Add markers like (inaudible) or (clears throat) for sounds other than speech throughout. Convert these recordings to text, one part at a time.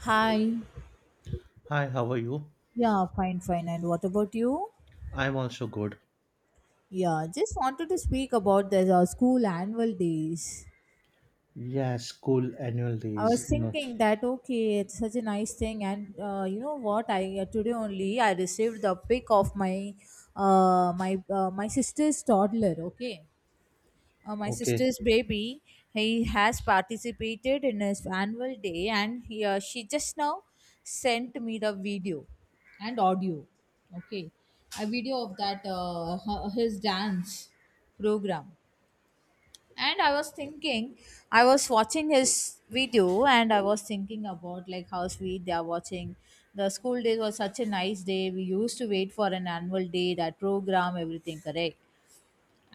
Hi. Hi, how are you? Yeah, fine, fine. And what about you? I'm also good. Yeah, just wanted to speak about the school annual days. Yeah, school annual I was days. No. thinking that okay, it's such a nice thing, and you know what? I today only I received the pic of my sister's toddler. Okay, my Okay. sister's baby, he has participated in his annual day, and she just now sent me the video and audio. Okay, a video of his dance program. And I was thinking, I was watching his video, and I was thinking about like how sweet they are watching. The school days was such a nice day. We used to wait for an annual day, that program, everything, correct?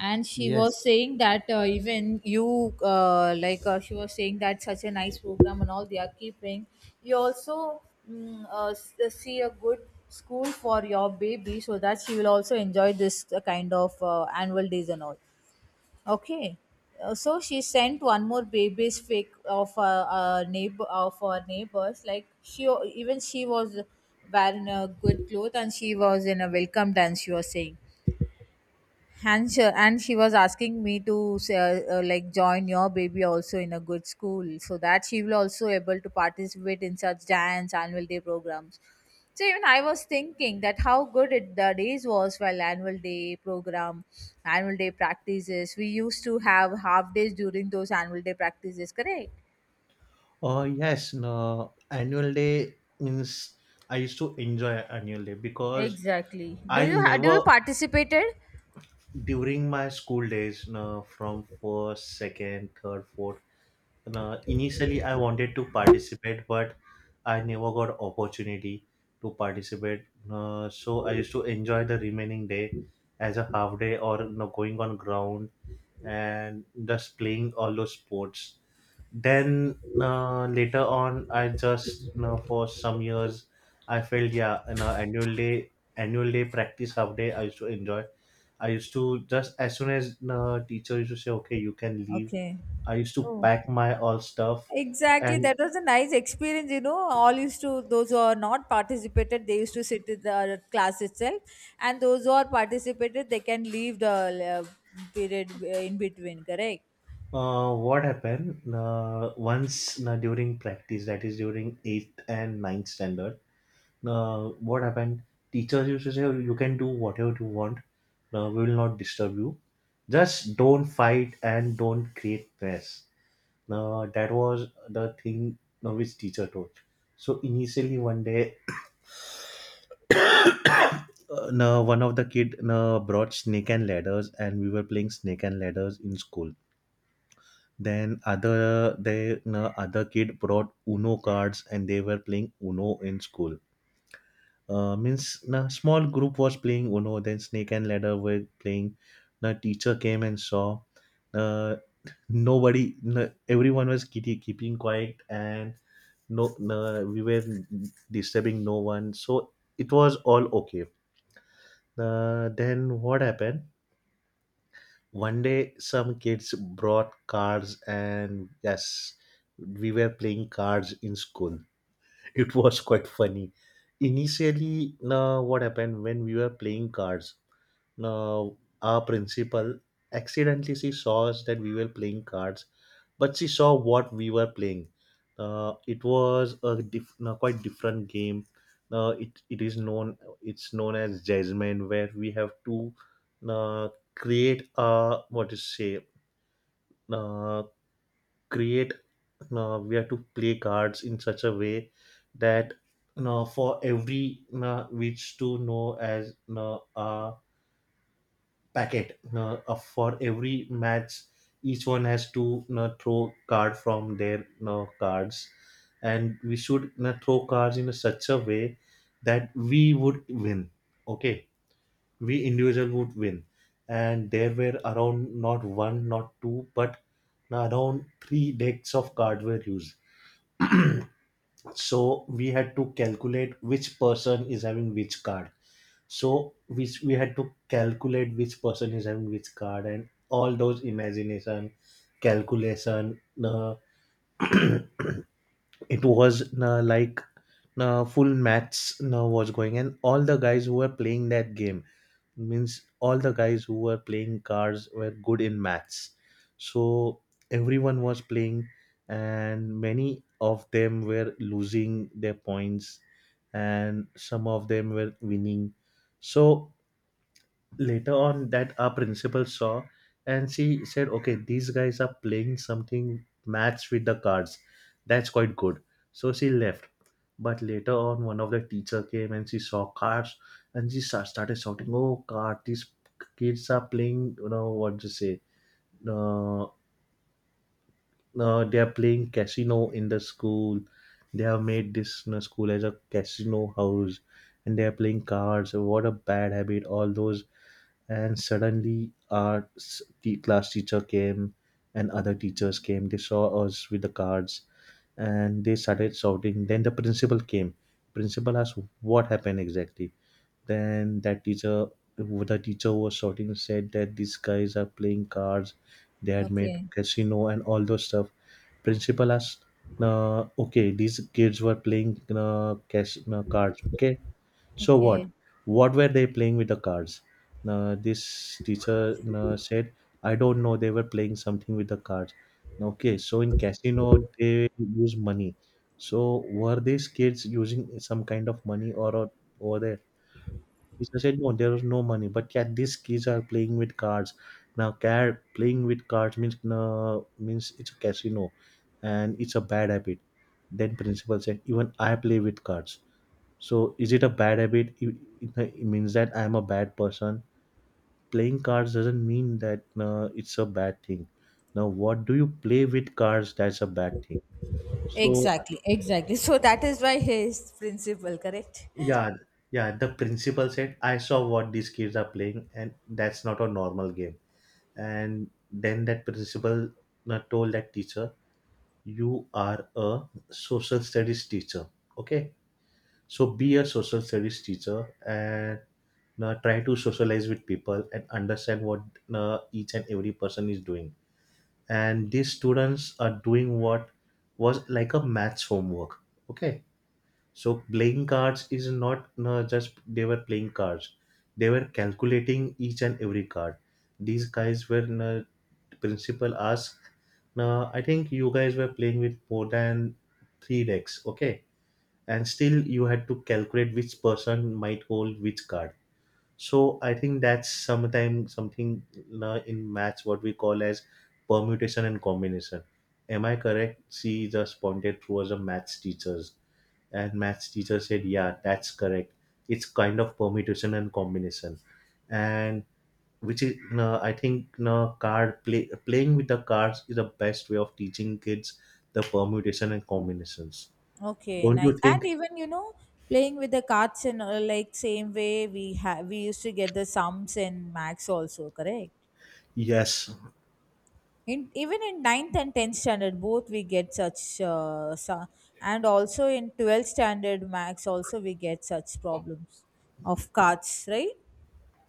And she was Yes. saying that even you like she was saying that such a nice program and all they are keeping you also see a good school for your baby so that she will also enjoy this kind of annual days and all. Okay. So she sent one more baby's fake of a neighbor of her neighbors, like she was wearing a good cloth and she was in a welcome dance, she was saying. And she was asking me to say, like join your baby also in a good school so that she will also able to participate in such dance annual day programs. So even I was thinking that how good the days was while annual day program, annual day practices. We used to have half days during those annual day practices, correct? Oh, yes. No. Annual day means I used to enjoy annual day because Exactly. I Do you never, participated? during my school days, no, from first, second, third, fourth, no, initially I wanted to participate, but I never got opportunity to participate. No, so I used to enjoy the remaining day as a half day or no, going on ground and thus playing all those sports. Then later on, I just for some years I felt yeah, annual day practice half day I used to enjoy. I used to just as soon as teacher used to say okay, you can leave. Okay. I used to Oh. pack my all stuff. Exactly, and that was a nice experience. You know, all used to, those who are not participated, they used to sit in the class itself, and those who are participated, they can leave the period in between. Correct. uh, what happened once during practice that is during 8th and ninth standard. What happened? Teachers used to say, "Oh, you can do whatever you want. We will not disturb you. Just don't fight and don't create mess." Now, that was the thing which teacher told. So initially one day, now one of the kid brought snake and ladders, and we were playing snake and ladders in school. Then other kid brought Uno cards, and they were playing Uno in school. Means a small group was playing Uno, then Snake and Ladder were playing. The teacher came and saw. Uh, Everyone was keeping quiet, and no, no, we were disturbing no one. So it was all okay. Then what happened? One day, some kids brought cards, and yes, we were playing cards in school. (laughs) It was quite funny. Initially, what happened when we were playing cards? Now, our principal accidentally she saw us that we were playing cards, but she saw what we were playing. It was no, quite different game. It's known as Jasmine, where we have to uh, create a what is say uh, create. We have to play cards in such a way that for every which to know as a packet for every match each one has to throw card from their cards, and we should throw cards in a such a way that we would win. Okay, we individual would win. And there were around not one, not two, but around three decks of card were used. So we had to calculate which person is having which card. So we had to calculate which person is having which card and all those imagination, calculation. It was like full maths was going, and all the guys who were playing that game means all the guys who were playing cards were good in maths. So everyone was playing, and many of them were losing their points, and some of them were winning. So later on that our principal saw, and she said okay, these guys are playing something match with the cards, that's quite good, so she left. But later on, one of the teacher came and she saw cards, and she started shouting, "Oh card, these kids are playing, you know what to say, uh, they are playing casino in the school. They have made this, school as a casino house, and they are playing cards, what a bad habit, all those." And suddenly our class teacher came, and other teachers came, they saw us with the cards, and they started shouting. Then the principal came. Principal asked what happened exactly. Then that teacher the teacher was shouting, said that these guys are playing cards, they had made Okay. casino and all those stuff. Principal asked, "Okay, these kids were playing cash cards, okay, so what? Okay. What were they playing with the cards?" Now, this teacher said, "I don't know. They were playing something with the cards." "Okay, so in casino they use money. So were these kids using some kind of money or over there?" Teacher said, "No, there was no money. But yeah, these kids are playing with cards. Now, car playing with cards means means it's a casino, and it's a bad habit." Then principal said, "Even I play with cards. So is it a bad habit? It means that I am a bad person? Playing cards doesn't mean that it's a bad thing. Now, what do you play with cards, that's a bad thing." So Exactly. Exactly. So that is why his principle, correct? yeah, yeah. The principal said, "I saw what these kids are playing, and that's not a normal game." And then that principal told that teacher, "You are a social studies teacher. Okay, so be a social service teacher, and try to socialize with people and understand what each and every person is doing. And these students are doing what was like a maths homework. Okay. So playing cards is not just they were playing cards. They were calculating each and every card. These guys were Principal asked, I think you guys were playing with more than three decks. Okay, and still you had to calculate which person might hold which card. So I think that's sometime something in maths what we call as permutation and combination, am I correct?" She just pointed towards the maths teachers, and maths teacher said, "Yeah, that's correct, it's kind of permutation and combination." And which is I think card play playing with the cards is the best way of teaching kids the permutation and combinations. Okay, Don't you nice. And think? even you know, playing with the cards and all, like same way we used to get the sums in max also, correct? Yes. In even in ninth and 10th standard both we get and also in 12th standard max also we get such problems of cards, right?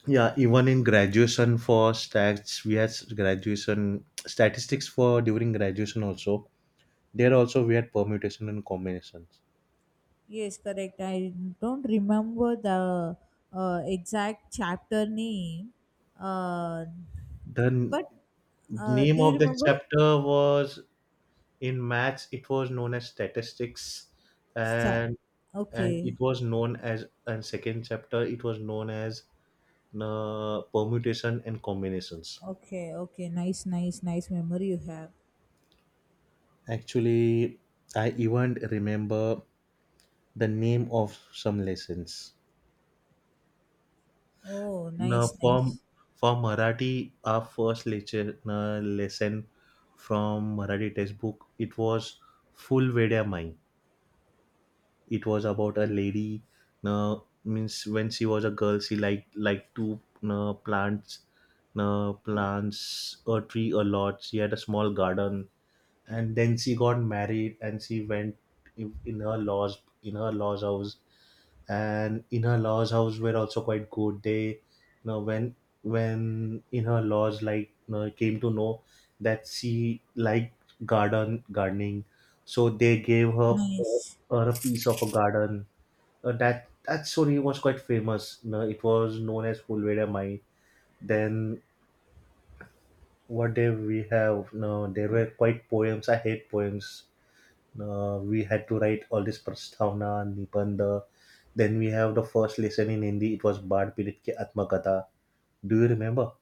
Yeah, even in graduation for stats, we had graduation statistics for during graduation also. There also we had permutation and combinations. Yes, correct. I don't remember the exact chapter name, uh, The but name do you of the remember? chapter was in maths. It was known as statistics, Sta-. and and Okay, it was known as and second chapter. It was known as permutation and combinations. okay, okay. Nice, nice, nice memory you have. Actually, I even remember the name of some lessons. Oh, Now, nice, for, nice, for Marathi, our first lecture lesson from Marathi textbook, it was Full Vedya Mai. It was about a lady. Uh, Means when she was a girl, she liked to uh, plants, plants a tree a lot. She had a small garden, and then she got married and she went in her laws house. And in her laws house were also quite good, they know when when in her laws, like, you know, came to know that she liked gardening, so they gave her nice. her a piece of a garden. That story was quite famous, you know, it was known as Fulveda Mai. Then what did we have, no, there were quite poems, I hate poems. We had to write all this prastavna, nibandha. Then we have the first lesson in Hindi. It was Bad Pirit Ki Atmakatha. Do you remember?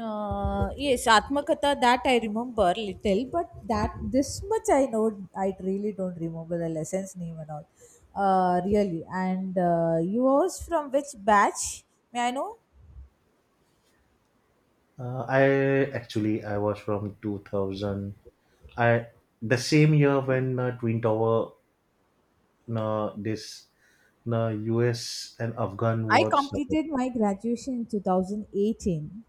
Yes, Atmakatha, that I remember little, but that this much I know, I really don't remember the lessons name and all. Really. And you was from which batch? May I know? I actually I was from 2000. I The same year when Twin Tower, this uh, U.S. and Afghan I war started. completed my graduation in 2018.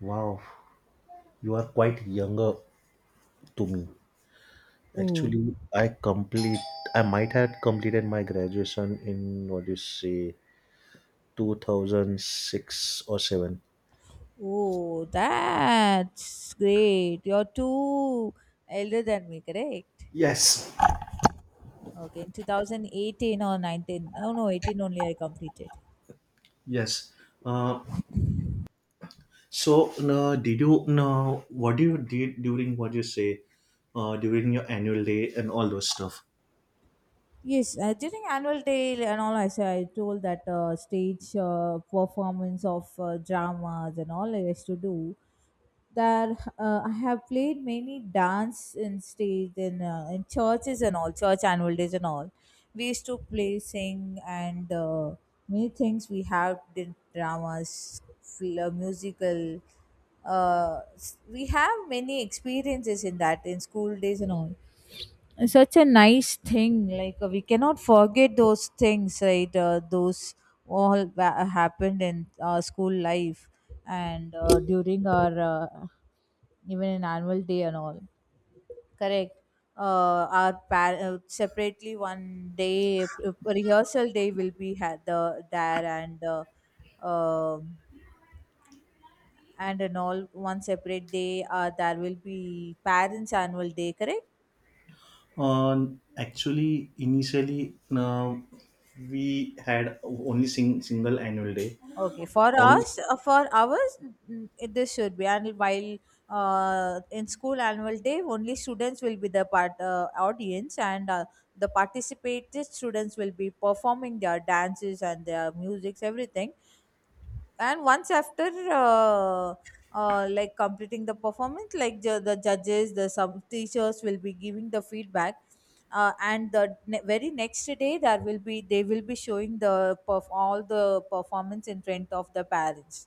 Wow, you are quite younger to me. Oh, Actually, I might have completed my graduation in what do you say 2006 or 7. oh, that's great. You're too elder than me, correct? Yes. Okay, in 2018 or 19. Oh no, 18 only I completed. Yes. Uh, so, did you know what do you did during what you say during your annual day and all those stuff? Yes, during annual day and all, I said I told that stage performance of dramas and all I used to do. That I have played many dance in stage in churches and all, church annual days and all. We used to play, sing, and many things we have did dramas, musical. We have many experiences in that in school days and all. Such a nice thing, like we cannot forget those things, right? Those, all that happened in our school life and during our even in annual day and all, correct. Separately one day rehearsal day will be had the there, um and in all one separate day there will be parents annual day, correct. Actually, initially, we had only single annual day. Okay, for All us, for ours, it- this should be. And while in school annual day, only students will be the part audience, and the participated students will be performing their dances and their musics, everything. And once after uh, like completing the performance, like the judges, the some teachers will be giving the feedback, and very next day there will be they will be showing all the performance in front of the parents.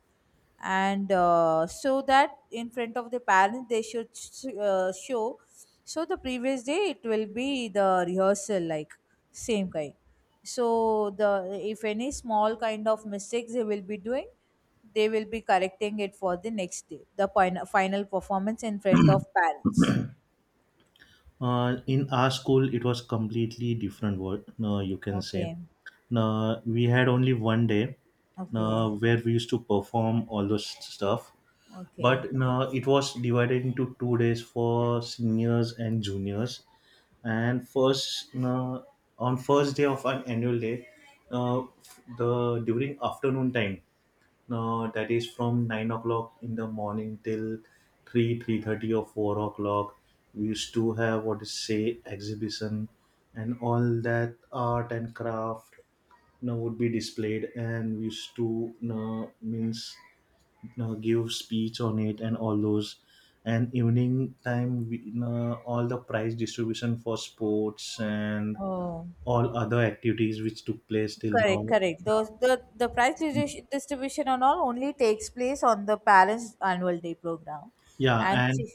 And so that in front of the parents they should show. So the previous day it will be the rehearsal, like same kind. So the, if any small kind of mistakes they will be doing, they will be correcting it for the next day, the final, final performance in front of parents. In our school, it was completely different. What you can say. Okay. Now, we had only one day Okay. now, where we used to perform all those stuff. Okay. But now it was divided into 2 days for seniors and juniors. And first, now, on first day of an annual day, now, the during afternoon time, now, that is from 9 o'clock in the morning till 3, 3:30 or 4 o'clock, we used to have what is say exhibition, and all that art and craft now would be displayed, and we used to now means now give speech on it and all those. And evening time we, now all the prize distribution for sports and Oh. all other activities which took place till now, Correct, correct. Those, the price distribution and all only takes place on the parents' annual day program, yeah, and and chief,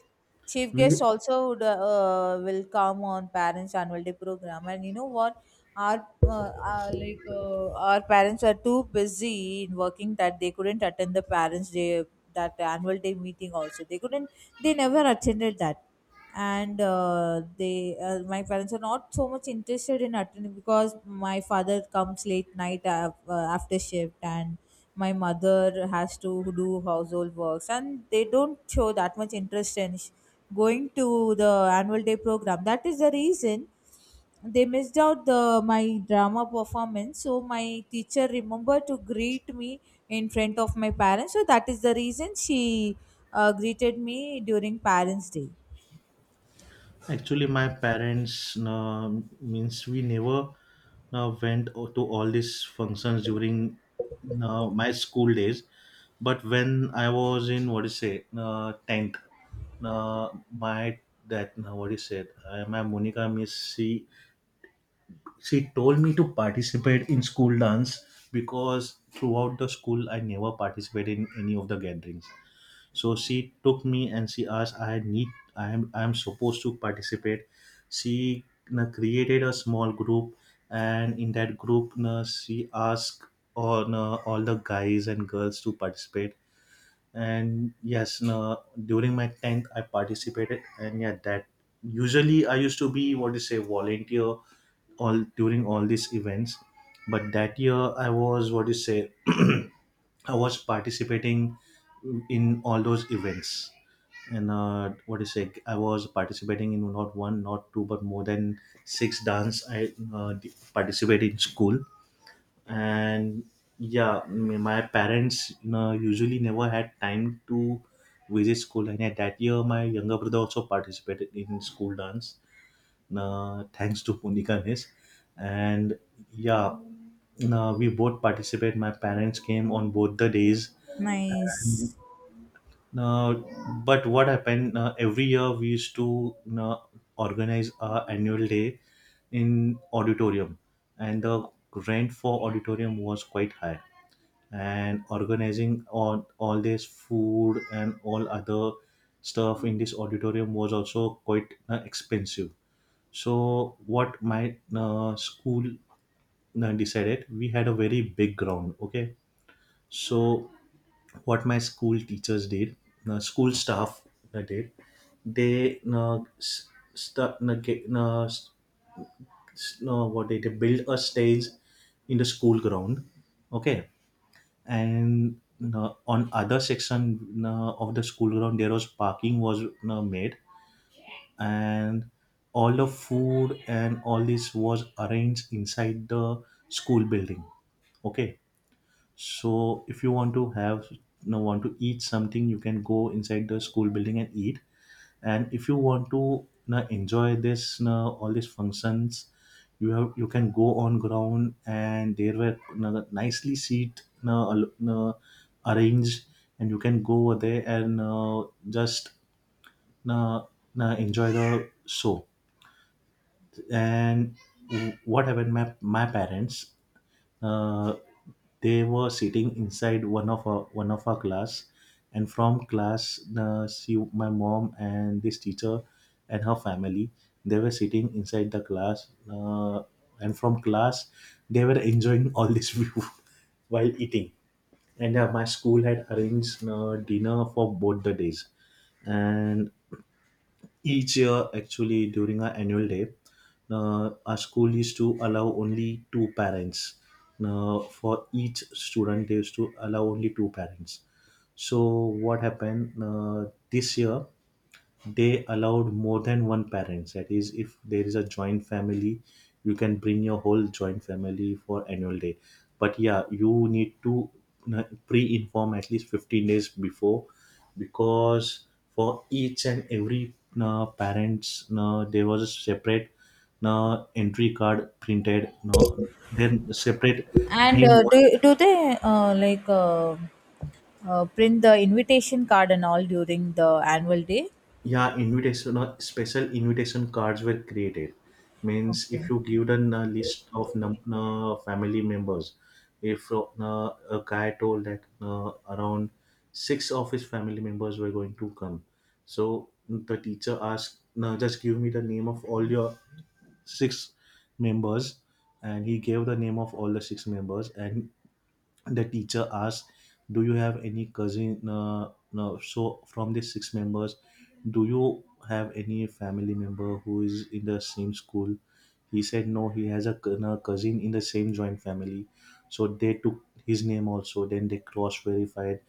chief we— guests also would, will come on parents' annual day program. And you know what, like our parents are too busy in working that they couldn't attend the parents' day, that annual day meeting. Also, they couldn't. They never attended that. And they my parents are not so much interested in attending, because my father comes late night after shift and my mother has to do household works, and they don't show that much interest in going to the annual day program. That is the reason they missed out the my drama performance. So my teacher remembered to greet me in front of my parents. So that is the reason she greeted me during parents day. Actually, my parents means we never went to all these functions during my school days. But when I was in what do you say tenth, uh, my that what do you said, my Monica miss, she told me to participate in school dance because throughout the school I never participated in any of the gatherings. So she took me and she asked, I am supposed to participate. She created a small group, and in that group she asked all the guys and girls to participate. And yes, during my 10th I participated. And yeah, that, usually I used to be, what do you say volunteer all during all these events, but that year I was, what you say (clears throat) I was participating in all those events. And what you say I was participating in not one, not two, but more than six dance. I participated in school. And yeah, my parents, usually never had time to visit school, and at that year my younger brother also participated in school dance, thanks to Punika Miss. And yeah, we both participate. My parents came on both the days. And, Nice. uh, but what happened, every year we used to organize our annual day in auditorium, and the rent for auditorium was quite high, and organizing on all this food and all other stuff in this auditorium was also quite expensive. So what my school decided, we had a very big ground. Okay, so what my school teachers did, school staff did, they st- get, s- s- what did they build a stage in the school ground. Okay, and on other section of the school ground, there was parking was made, and all the food and all this was arranged inside the school building. Okay, so if you want to have, want to eat something, you can go inside the school building and eat. And if you want to, enjoy this, all these functions, you have, you can go on ground, and there were, the nicely seat, arranged, and you can go over there and just, you know, enjoy the show. And what happened, my parents, uh, they were sitting inside one of our class, and from class, she, my mom and this teacher and her family, they were sitting inside the class and from class they were enjoying all this (laughs) view while eating. And my school had arranged dinner for both the days. And each year, actually, during our annual day, our school used to allow only two parents, for each student they used to allow only two parents. So what happened, this year they allowed more than one parents, that is, if there is a joint family, you can bring your whole joint family for annual day. But yeah, you need to pre-inform at least 15 days before, because for each and every parents, there was a separate entry card printed, no? Then separate And name was, do they like print the invitation card and all during the annual day? yeah, invitation, special invitation cards were created. Means if Okay. you give them a list of family members, if a guy told that around six of his family members were going to come, so the teacher asked, no, just give me the name of all your six members. And he gave the name of all the six members, and the teacher asks, do you have any cousin? No. So from the six members, do you have any family member who is in the same school? He said no, he has a cou- no, cousin in the same joint family. So they took his name also, then they cross verified.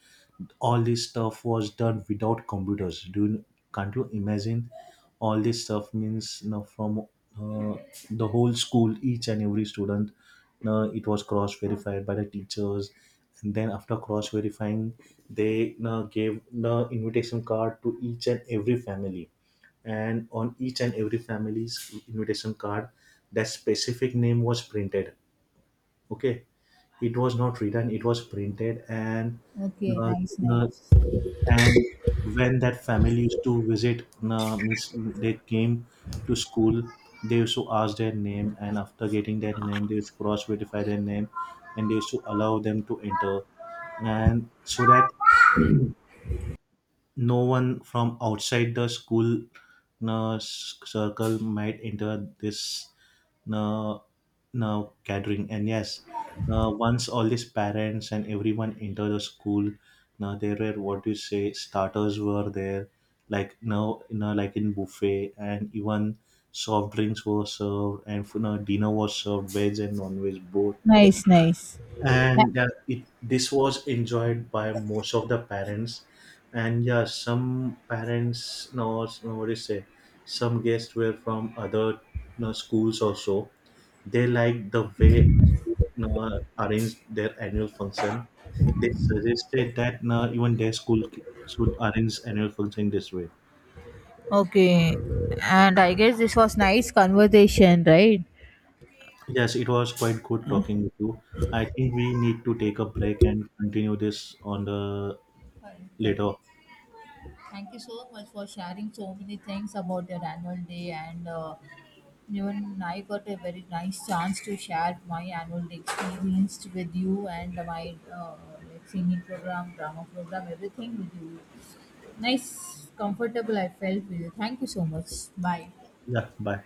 All this stuff was done without computers. Do you, can't you imagine, all this stuff, means, from uh, the whole school, each and every student, it was cross verified by the teachers. And then after cross verifying, they gave the invitation card to each and every family, and on each and every family's invitation card, that specific name was printed. Okay, it was not written, it was printed. And Okay. uh, Nice. uh, Nice. and when that family used to visit, means they came to school, they used to ask their name, and after getting their name they used to cross verify their name, and they used to allow them to enter. And so that no one from outside the school circle might enter this uh, gathering. And yes, once all these parents and everyone enter the school, now there were, what do you say, starters were there, like, now, like in buffet, and even soft drinks were served, and, dinner was served, veg and non-veg both. Nice. Nice. Ni-. And this was enjoyed by most of the parents. And yeah, some parents, no, no, what do you say, some guests were from other, schools also. They liked the way, arrange their annual function. They suggested that now even their school should arrange annual function this way. Okay. And I guess this was nice conversation, right? Yes, it was quite good talking with you. I think we need to take a break and continue this on the Correct, later. correct. Thank you so much for sharing so many things about your annual day, and even I got a very nice chance to share my annual day experience with you and my like singing program, drama program, everything with you. Nice, comfortable I felt with you. Thank you so much. Bye. Yeah, bye.